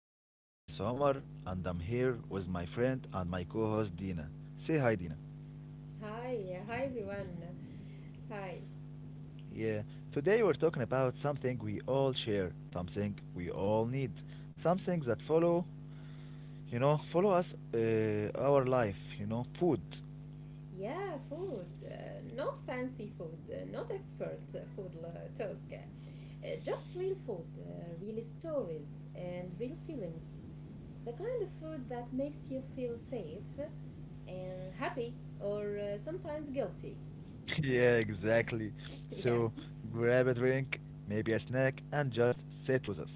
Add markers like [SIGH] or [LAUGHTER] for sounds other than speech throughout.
back. This is Omar, and I'm here with my friend and my co host Dina. Say hi, Dina. Hi everyone. Hi. Yeah, today we're talking about something we all share, something we all need, something that follow, you know, follow us our life, food. Yeah, food. Not fancy food, not expert food talk. Just real food, real stories, and real feelings. The kind of food that makes you feel safe and happy or sometimes guilty. [LAUGHS] Yeah, exactly. [LAUGHS] Yeah, So grab a drink, maybe a snack, and just sit with us.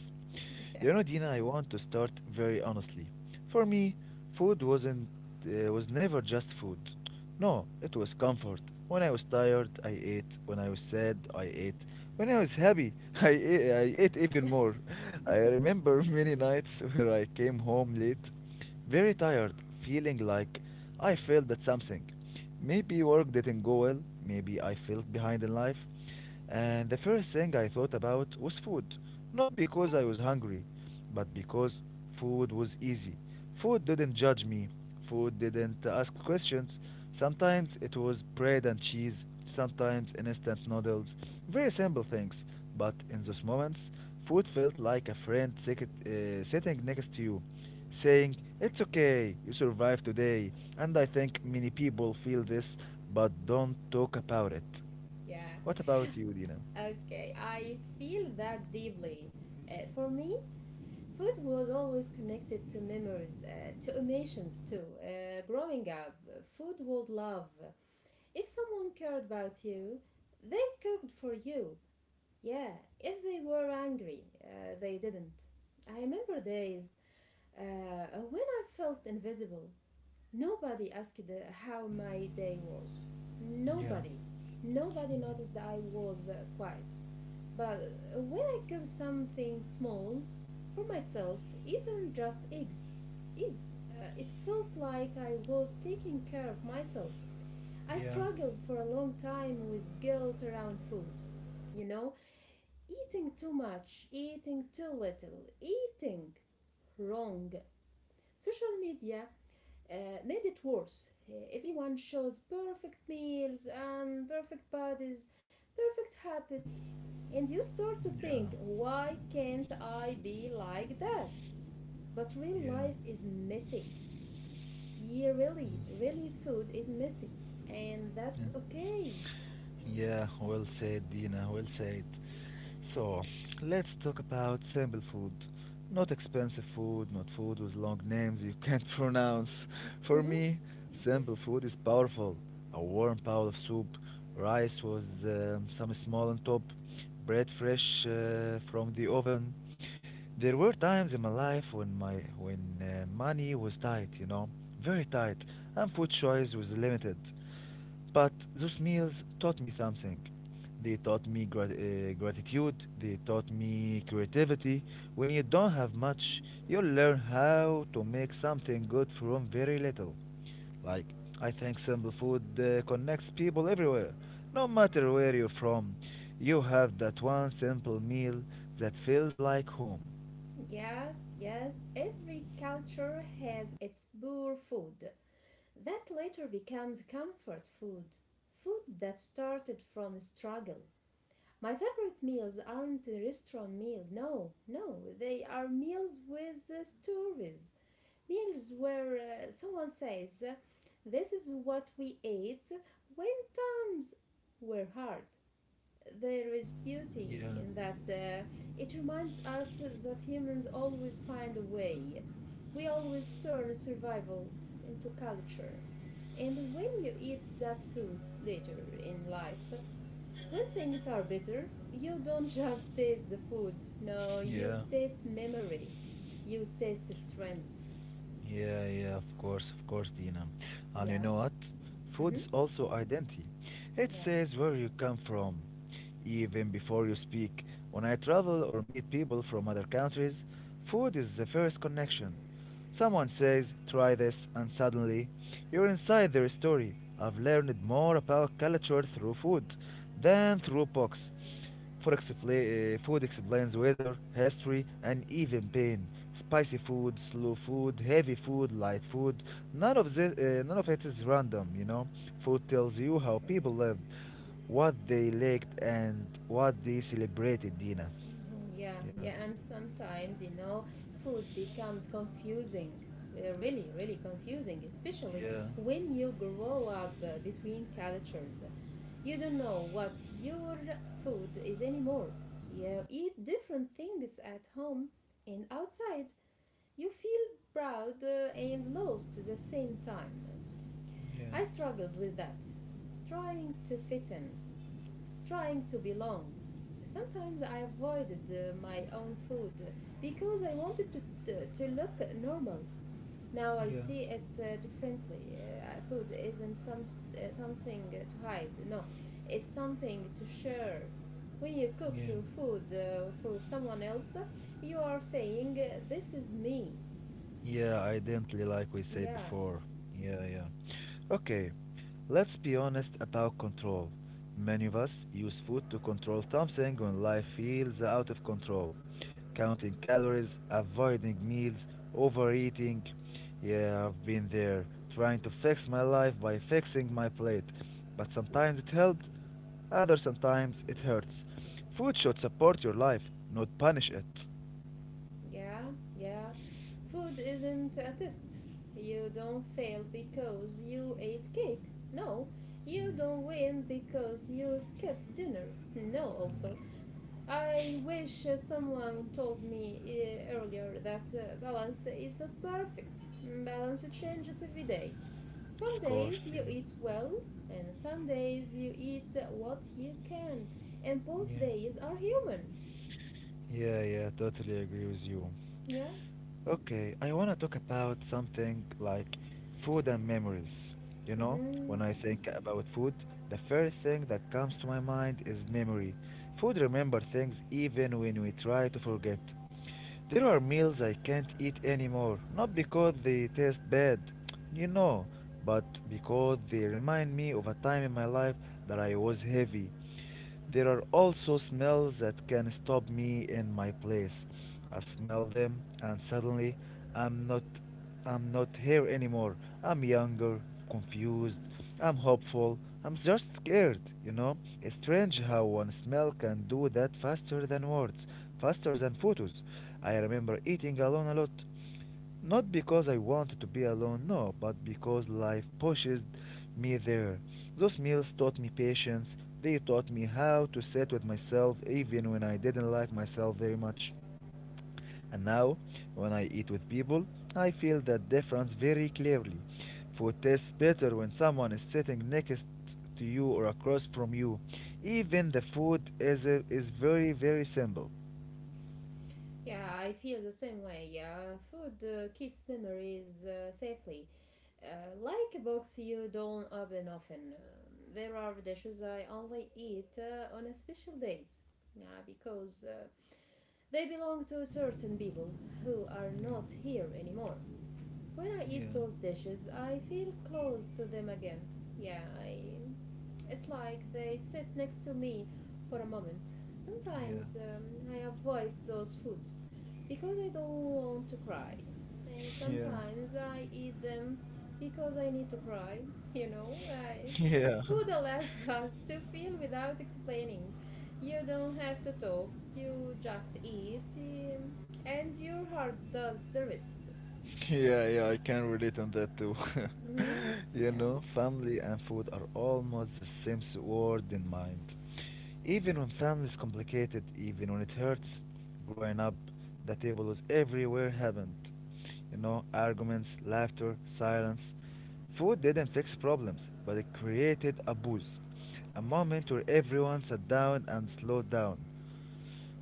yeah, You know, Dina, I want to start very honestly. For me, food was never just food. No, it was comfort. When I was tired, I ate. When I was sad, I ate. When I was happy, [LAUGHS] I ate even more. I remember [LAUGHS] many nights where I came home late, very tired, feeling like I failed at something. Maybe work didn't go well. Maybe I felt behind in life. And the first thing I thought about was food. Not because I was hungry, but because food was easy. Food didn't judge me, food didn't ask questions. Sometimes it was bread and cheese, sometimes instant noodles. Very simple things, but in those moments, food felt like a friend sitting next to you, saying, "It's okay, you survived today." And I think many people feel this but don't talk about it. yeah. What about you, Dina? Okay, I feel that deeply. For me, food was always connected to memories, to emotions too. Growing up, food was love. If someone cared about you, they cooked for you. Yeah, if they were angry, they didn't. I remember days when I felt invisible. Nobody asked how my day was. Yeah, Nobody. Nobody noticed that I was quiet. But when I cook something small for myself, even just eggs, eggs, it felt like I was taking care of myself. I yeah, struggled for a long time with guilt around food. You know, eating too much, eating too little, eating wrong. Social media uh, made it worse. Everyone shows perfect meals and perfect bodies, perfect habits, and you start to yeah. think, why can't I be like that? But real Yeah, yeah, life is messy. Yeah, food is messy, and yeah. that's okay. Yeah, well said, Dina, well said. So, let's talk about simple food. Not expensive food, not food with long names you can't [LAUGHS] pronounce. For Mhm. me, simple food is powerful. A warm bowl of soup, rice with some small on top, bread fresh from the oven. There were times in my life when money was tight, you know, very tight, and food choice was limited. But those meals taught me something. They taught me gratitude. They taught me creativity. When you don't have much, you learn how to make something good from very little. Like, I think simple food connects people everywhere. No matter where you're from, you have that one simple meal that feels like home. Yes, yes, every culture has its poor food that later becomes comfort food, food that started from struggle. My favorite meals aren't restaurant meals. No, no, they are meals with stories. Meals where someone says, this is what we ate when times were hard. There is beauty Yeah, in that. It reminds us that humans always find a way. We always turn survival into culture. And when you eat that food later in life, when things are bitter, you don't just taste the food. No, you yeah, taste memory. You taste strength. yeah, yeah, of course, Dina. And you Yeah. know what? Food Mm-hmm. is also identity. It Yeah. says where you come from, even before you speak. When I travel or meet people from other countries, food is the first connection. Someone says, try this, and suddenly you're inside their story. I've learned more about culture through food than through books. Food explains weather, history, and even pain. Spicy food, slow food, heavy food, light food. None of it is random. You know, food tells you how Mhm. people lived, what they liked, and what they celebrated, Dina. Yeah. Yeah. Yeah. And sometimes, you know, food becomes confusing. Really confusing, especially Yeah. when you grow up between cultures. You don't know what your food is anymore. You eat different things at home and outside. You feel proud and lost at the same time. Yeah. I struggled with that, trying to fit in, trying to belong. Sometimes I avoided my own food because I wanted to look normal. Now I Yeah. see it differently. Food isn't something to hide, no, it's something to share. When you cook Yeah. your food for someone else, you are saying, this is me. Yeah, identically like we say Yeah, before. Yeah, yeah. Okay, let's be honest about control. Many of us use food to control something when life feels out of control. Counting calories, avoiding meals, overeating. Yeah, I've been there, trying to fix my life by fixing my plate. But sometimes it helped, other sometimes it hurts. Food should support your life, not punish it. yeah, yeah. Food isn't a test. You don't fail because you ate cake. No, you Mm, don't win because you skipped dinner. [LAUGHS] No, yeah. also. I wish someone told me earlier that balance is not perfect. Balance changes every day. Some Of course, days yeah. you eat well, and some days you eat what you can. And both Yeah, days are human. yeah, yeah, totally agree with you. Yeah? Okay, I want to talk about something like food and memories. You know, when Hmm. I think about food, the first thing that comes to my mind is memory. Food remember things even when we try to forget. There are meals I can't eat anymore, not because they taste bad, you know, but because they remind me of a time in my life that I was heavy. There are also smells that can stop me in my place. I smell them and suddenly I'm not I'm not here anymore. I'm younger, confused, I'm hopeful, I'm just scared, you know? It's strange how one smell can do that faster than words, faster than photos. I remember eating alone a lot. Not because I wanted to be alone, no, but because life pushes me there. Those meals taught me patience, they taught me how to sit with myself even when I didn't like myself very much. And now, when I eat with people, I feel that difference very clearly. Food tastes better when someone is sitting next to you or across from you. Even the food is very, very simple. Yeah, I feel the same way. Yeah, food keeps memories safely. Like books you don't open often. There are dishes I only eat on a special days. Yeah, because they belong to certain people who are not here anymore. When I Yeah, eat those dishes, I feel close to them again. Yeah, I it's like they sit next to me for a moment. yeah, Sometimes I avoid those foods because I don't want to cry. And sometimes I eat them because I need to cry, [LAUGHS] you know? I yeah, [LAUGHS] yeah. Food allows [LAUGHS] us to feel without explaining. You don't have to talk, you just eat, and your heart does the rest. [LAUGHS] Yeah, yeah, I can relate on that too. [LAUGHS] Mhm. You Yeah. know, family and food are almost the same word in mind. Even when family is complicated, even when it hurts, growing up, the table was everywhere happened. You know, arguments, laughter, silence. Food didn't fix problems, but it created a boost. A moment where everyone sat down and slowed down.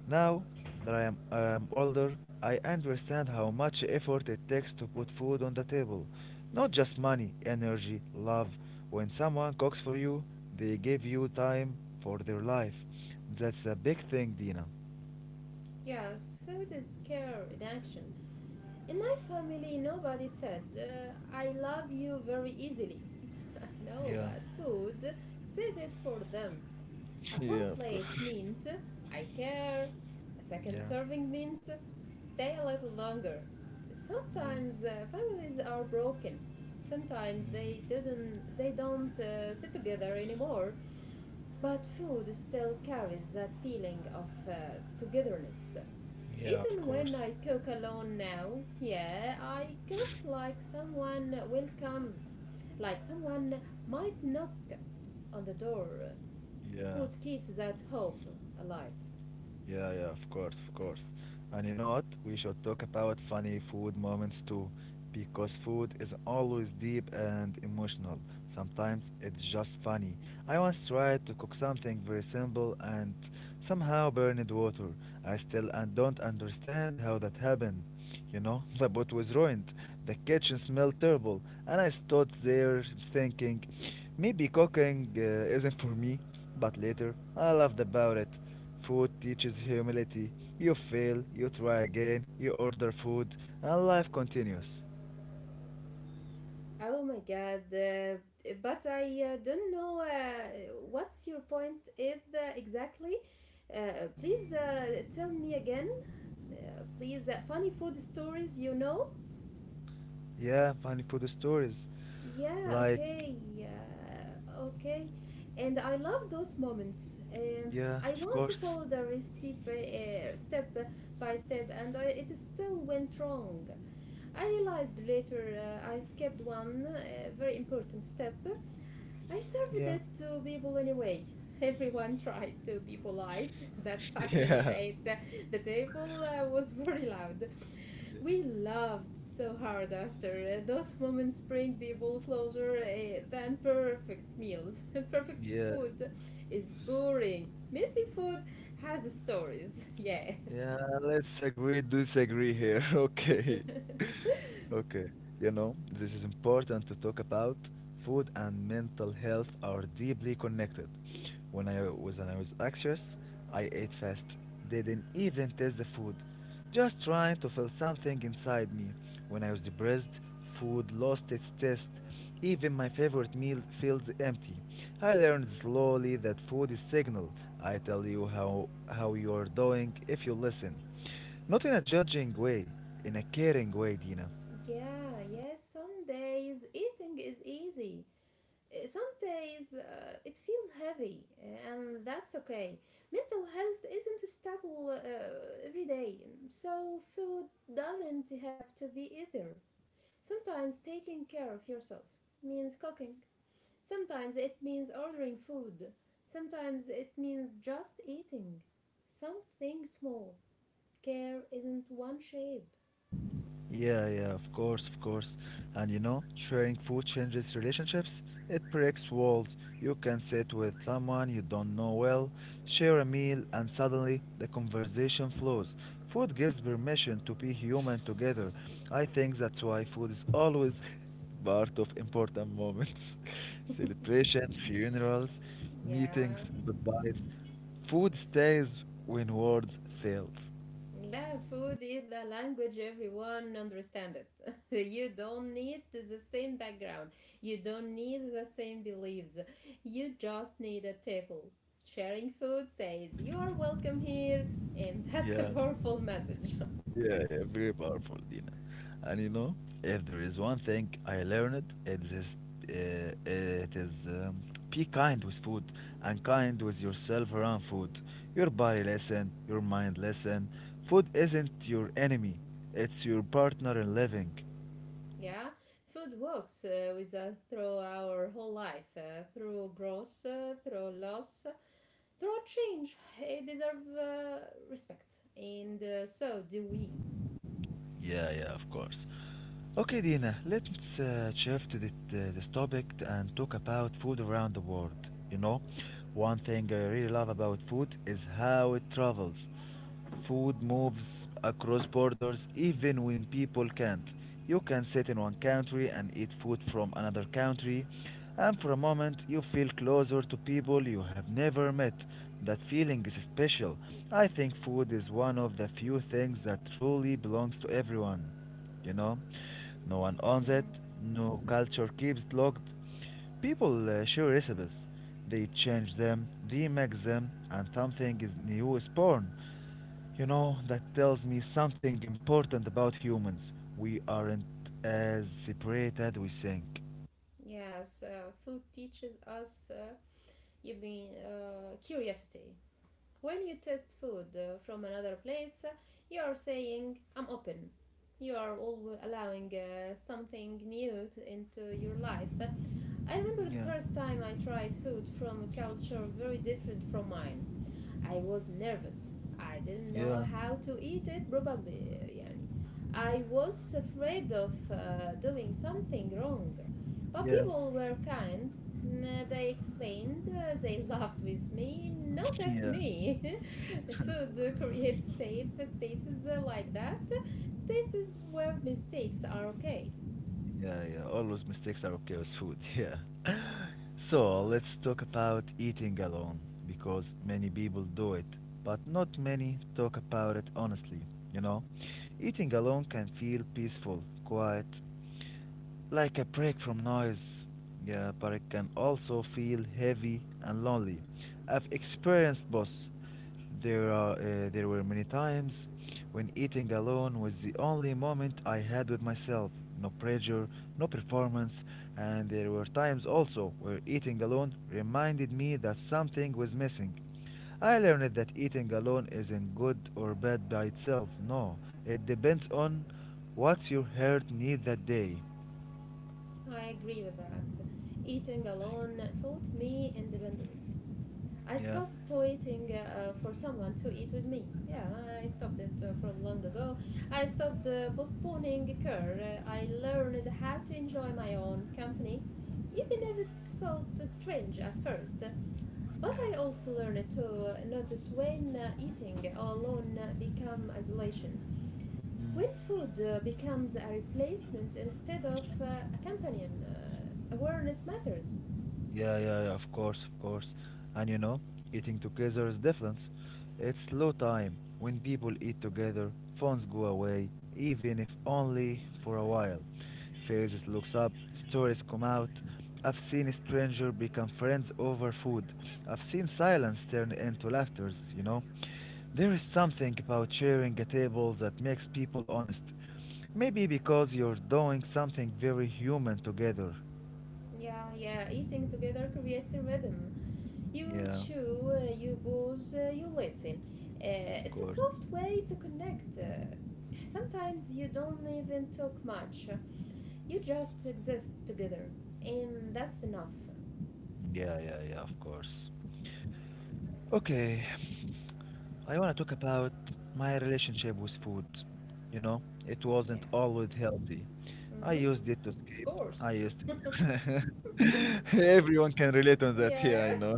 Now that I am older, I understand how much effort it takes to put food on the table. Not just money, energy, love. When someone cooks for you, they give you time for their life. That's a big thing, Dina. Yes, food is care in action. In my family, nobody said, I love you very easily. [LAUGHS] No, Yeah, but food said it for them. [LAUGHS] A yeah, full of plate course. meant, [LAUGHS] I care. A Yeah. second Yeah, serving meant, stay a little longer. mm, Sometimes families are broken. Sometimes they don't sit together anymore. But food still carries that feeling of togetherness yeah, of even course. when I cook alone now, yeah, I cook like someone will come, like someone might knock on the door. Yeah, Food keeps that hope alive. yeah, yeah, of course, of course. And you know what? We should talk about funny food moments too, because food is always deep and emotional. Sometimes it's just funny. I once tried to cook something very simple and somehow burned water. I still and don't understand how that happened. You know, [LAUGHS] the boat was ruined, the kitchen smelled terrible, and I stood there thinking, maybe cooking isn't for me. But later, I laughed about it. Food teaches humility. You fail, you try again, you order food, and life continues. Oh my god, but I don't know what's your point is exactly. Please tell me again, please, funny food stories you know. Yeah, funny food stories. Yeah, Like, okay, yeah, okay. And I love those moments. Um, yeah, I of once course. followed the recipe step by step and it still went wrong. I realized later I skipped one very important step. I served Yeah. it to people anyway. [LAUGHS] Everyone tried to be polite. [LAUGHS] That [LAUGHS] silence Yeah. at the table was very loud. We loved so hard after those moments bring people closer than perfect meals. [LAUGHS] Perfect Yeah. food is boring. Messy food has stories. [LAUGHS] Yeah. Yeah, let's agree, disagree here. [LAUGHS] Okay. [LAUGHS] Okay. You know, this is important to talk about. Food and mental health are deeply connected. When I was anxious, I ate fast. Didn't even taste the food. Just trying to feel something inside me. When I was depressed, food lost its taste. Even my favorite meal feels empty. I learned slowly that food is signal. I tell you how you are doing if you listen. Not in a judging way, in a caring way, Dina. Yeah, yeah. Some days eating is easy. Some days it feels heavy, and that's okay. Mental health isn't stable every day, so food doesn't have to be either. Sometimes taking care of yourself means cooking. Sometimes it means ordering food. Sometimes it means just eating. Something small. Care isn't one shape. Yeah, yeah, of course, of course. And you know, sharing food changes relationships. It breaks walls. You can sit with someone you don't know well, share a meal, and suddenly the conversation flows. Food gives permission to be human together. I think that's why food is always [LAUGHS] part of important moments. [LAUGHS] Celebration, funerals, Yeah. meetings, goodbyes. Food stays when words fail. Yeah, food is the language everyone understands it. [LAUGHS] You don't need the same background. You don't need the same beliefs. You just need a table. Sharing food says you are welcome here and [LAUGHS] that's a Yeah. powerful message. [LAUGHS] Yeah, yeah, very powerful, Dina. And you know, if there is one thing I learned, it is be kind with food and kind with yourself around food. Your body listen, your mind listen. Food isn't your enemy; it's your partner in living. Yeah, food works with us through our whole life, through growth, through loss, through change. It deserves respect, and so do we. Yeah, yeah, of course. Okay, Dina, let's shift this topic and talk about food around the world. You know, one thing I really love about food is how it travels. Food moves across borders even when people can't. You can sit in one country and eat food from another country, and for a moment, you feel closer to people you have never met. That feeling is special. I think food is one of the few things that truly belongs to everyone. You know, no one owns it, Mm-hmm. no culture keeps it locked. People share recipes, they change them, remix them, and something is new is born. You know, that tells me something important about humans. We aren't as separate as we think. Yes, food teaches us, curiosity. When you taste food from another place, you are saying, I'm open. You are always allowing something new into your life. I remember the Yeah, first time I tried food from a culture very different from mine. I was nervous. I didn't know yeah. how to eat it, probably. Yani. I was afraid of doing something wrong. But Yeah, people were kind. They explained, they [LAUGHS] laughed with me, not at yeah, me. [LAUGHS] Food creates safe spaces like that, spaces where mistakes are okay. yeah, yeah. All those mistakes are okay with food. [LAUGHS] Yeah. So let's talk about eating alone because many people do it, but not many talk about it honestly. You know, eating alone can feel peaceful, quiet, like a break from noise. Yeah, but it can also feel heavy and lonely. I've experienced both. There were many times when eating alone was the only moment I had with myself. No pressure, no performance, and there were times also where eating alone reminded me that something was missing. I learned that eating alone isn't good or bad by itself. No, it depends on what your heart needs that day. I agree with that. Eating alone taught me independence. I Yeah. stopped waiting for someone to eat with me. Yeah, I stopped it from long ago. I stopped postponing care. I learned how to enjoy my own company, even if it felt strange at first. But Yeah. I also learned to notice when eating alone become isolation. When Mm. food becomes a replacement instead of accompanying, awareness matters. Yeah, yeah, yeah, of course, of course. And you know, eating together is different. It's slow time. When people eat together, phones go away, even if only for a while. Faces looks up, stories come out. I've seen a stranger become friends over food. I've seen silence turn into laughters, you know. There is something about sharing a table that makes people honest. Maybe because you're doing something very human together. Yeah, yeah, eating together creates a rhythm. You Yeah, chew, you pause, you listen. Of It's a course. soft way to connect. Sometimes you don't even talk much, you just exist together, and that's enough. Yeah, yeah, yeah, of course. Okay, I want to talk about my relationship with food. You know, it wasn't Yeah. always healthy. Mm-hmm. I used Of it to escape. I course. used it. [LAUGHS] Everyone can relate on that, yeah, Yeah, I know.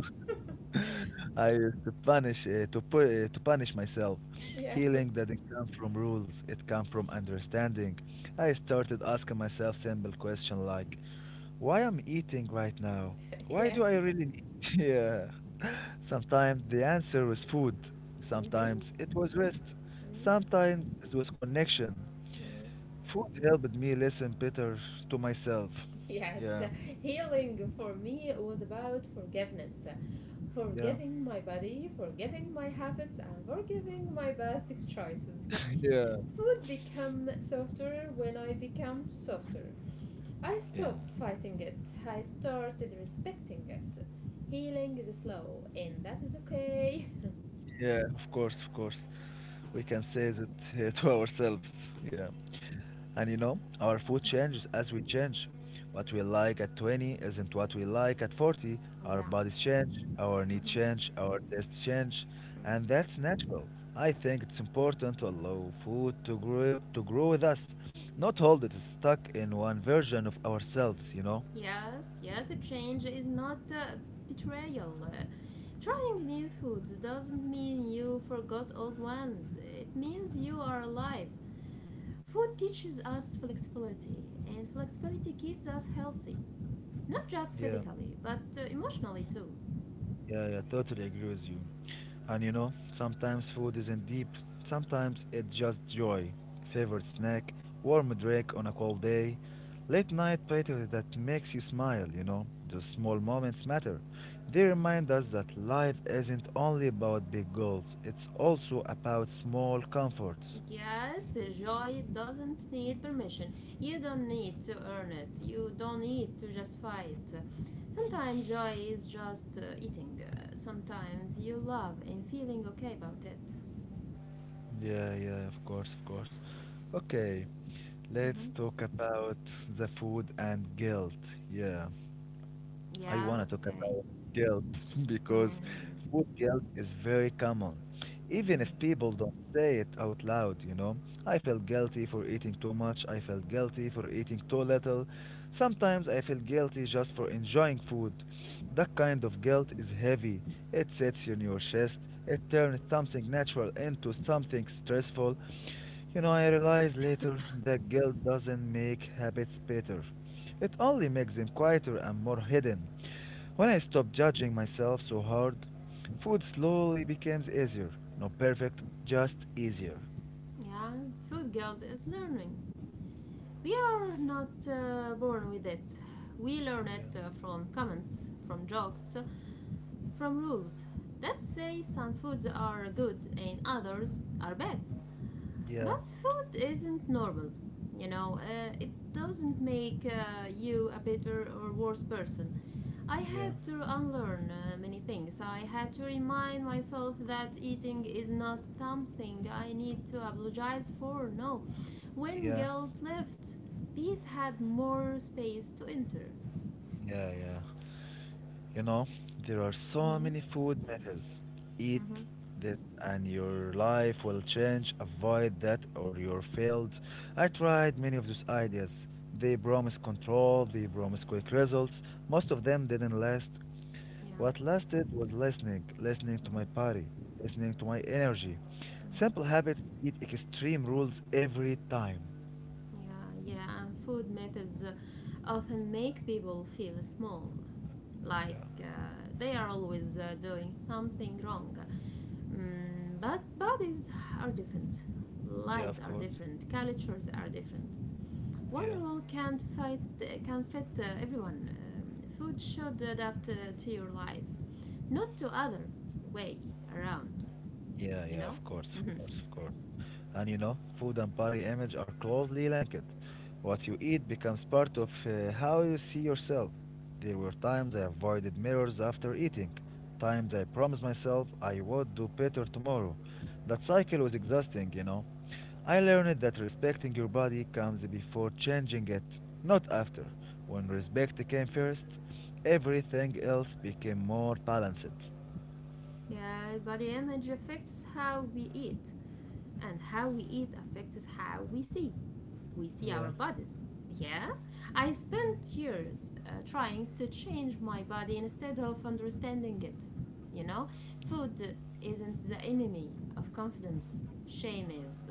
[LAUGHS] I used to punish to punish myself. [LAUGHS] yeah, Healing [LAUGHS] didn't come from rules; it came from understanding. I started asking myself simple questions like, "Why am I eating right now? Why yeah. do I really need?" [LAUGHS] yeah. Sometimes the answer was food. Mm-hmm. Sometimes it was rest. Mm-hmm. Sometimes it was connection. Mm-hmm. Food helped me listen better to myself. [LAUGHS] Yes, Yeah. healing for me was about forgiveness. Yeah. Forgiving my body, forgiving my habits, and forgiving my past choices. [LAUGHS] yeah. Food became softer when I became softer. I Yeah. stopped fighting it. I started respecting it. Healing is slow, and that is okay. Yeah, of course, of course. We can say that [LAUGHS] to ourselves. Yeah. And you know, our food changes as we change. What we like at 20 isn't what we like at 40. [LAUGHS] Our Yeah. bodies change, our needs change, our tastes change, and that's natural. I think it's important to allow food to grow with us, not hold it stuck in one version of ourselves, you know? Yes, yes, a change is not betrayal. Trying new foods doesn't mean you forgot old ones, it means you are alive. Food teaches us flexibility, and flexibility keeps us healthy, not just Yeah. physically, but emotionally too. Yeah, yeah, totally agree with you. And you know, sometimes food isn't deep. Sometimes it's just joy. Favorite snack, warm drink on a cold day, late night platter that makes you smile, you know. Those small moments matter. They remind us that life isn't only about big goals, it's also about small comforts. Yes, joy doesn't need permission. You don't need to earn it. You don't need to justify it. Sometimes joy is just eating. Sometimes you love and feeling okay about it. Yeah, yeah, of course, of course. Okay, let's talk about the food and guilt. Yeah. I Yeah, want to talk okay. about guilt [LAUGHS] because Mm. food guilt is very common. Even if people don't say it out loud, you know, I feel guilty for eating too much, I feel guilty for eating too little. Sometimes I feel guilty just for enjoying food. That kind of guilt is heavy. It sits in your chest, it turns something natural into something stressful. You know, I realized later that guilt doesn't make habits better. It only makes them quieter and more hidden. When I stopped judging myself so hard, food slowly becomes easier. Not perfect, just easier. Yeah, food guilt is learning. We are not born with it. We learn it Yeah. From comments, from jokes, from rules that say some foods are good and others are bad. Yeah, But food isn't normal. You know, it doesn't make you a better or worse person. I yeah, had to unlearn many things. I had to remind myself that eating is not something I need to apologize for. No. When yeah, guilt left, peace had more space to enter. yeah, yeah. You know, there are so Hmm. many food methods. Eat Hmm. that, and your life will change. Avoid that or you're failed. I tried many of those ideas. They promise control, they promise quick results. Most of them didn't last. Yeah, What lasted was listening, listening to my body, listening to my energy. Simple habits beat extreme rules every time. yeah, yeah. And food methods often make people feel small, like Yeah. They are always doing something wrong. But bodies are different, Yeah, lives of are course. different, cultures are different. One Yeah. rule can't fit can fit everyone. Food should adapt to your life, not to other way around, Yeah, you yeah, know. of course, of Mhm. course, of course. And you know, food and body image are closely linked. What you eat becomes part of how you see yourself. There were times I avoided mirrors after eating, times I promised myself I would do better tomorrow. That cycle was exhausting, you know. I learned that respecting your body comes before changing it, not after. When respect came first, everything else became more balanced. Yeah, body image affects how we eat and how we eat affects how we see Yeah. our bodies. Yeah? I spent Mm. years trying to change my body instead of understanding it. You know, food isn't the enemy of confidence, shame is.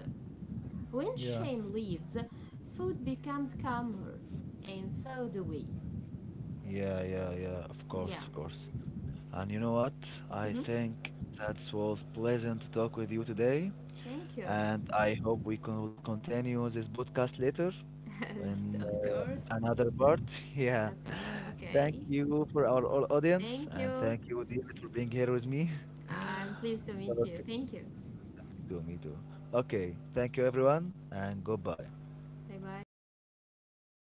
When Yeah. shame leaves, food becomes calmer, and so do we. Yeah, yeah, yeah, of course, Yeah. of course. And you know what? I Hmm. think that was pleasant to talk with you today. Thank you. And I hope we can continue this podcast later in [LAUGHS] Of course. another part. [LAUGHS] Yeah. Okay. Thank Okay. you for our all audience. Thank And you. thank you, David, for being here with me. I'm pleased to [LAUGHS] meet okay. you. Thank you. Me too, me too. Okay. Thank you, everyone. And goodbye. Bye bye.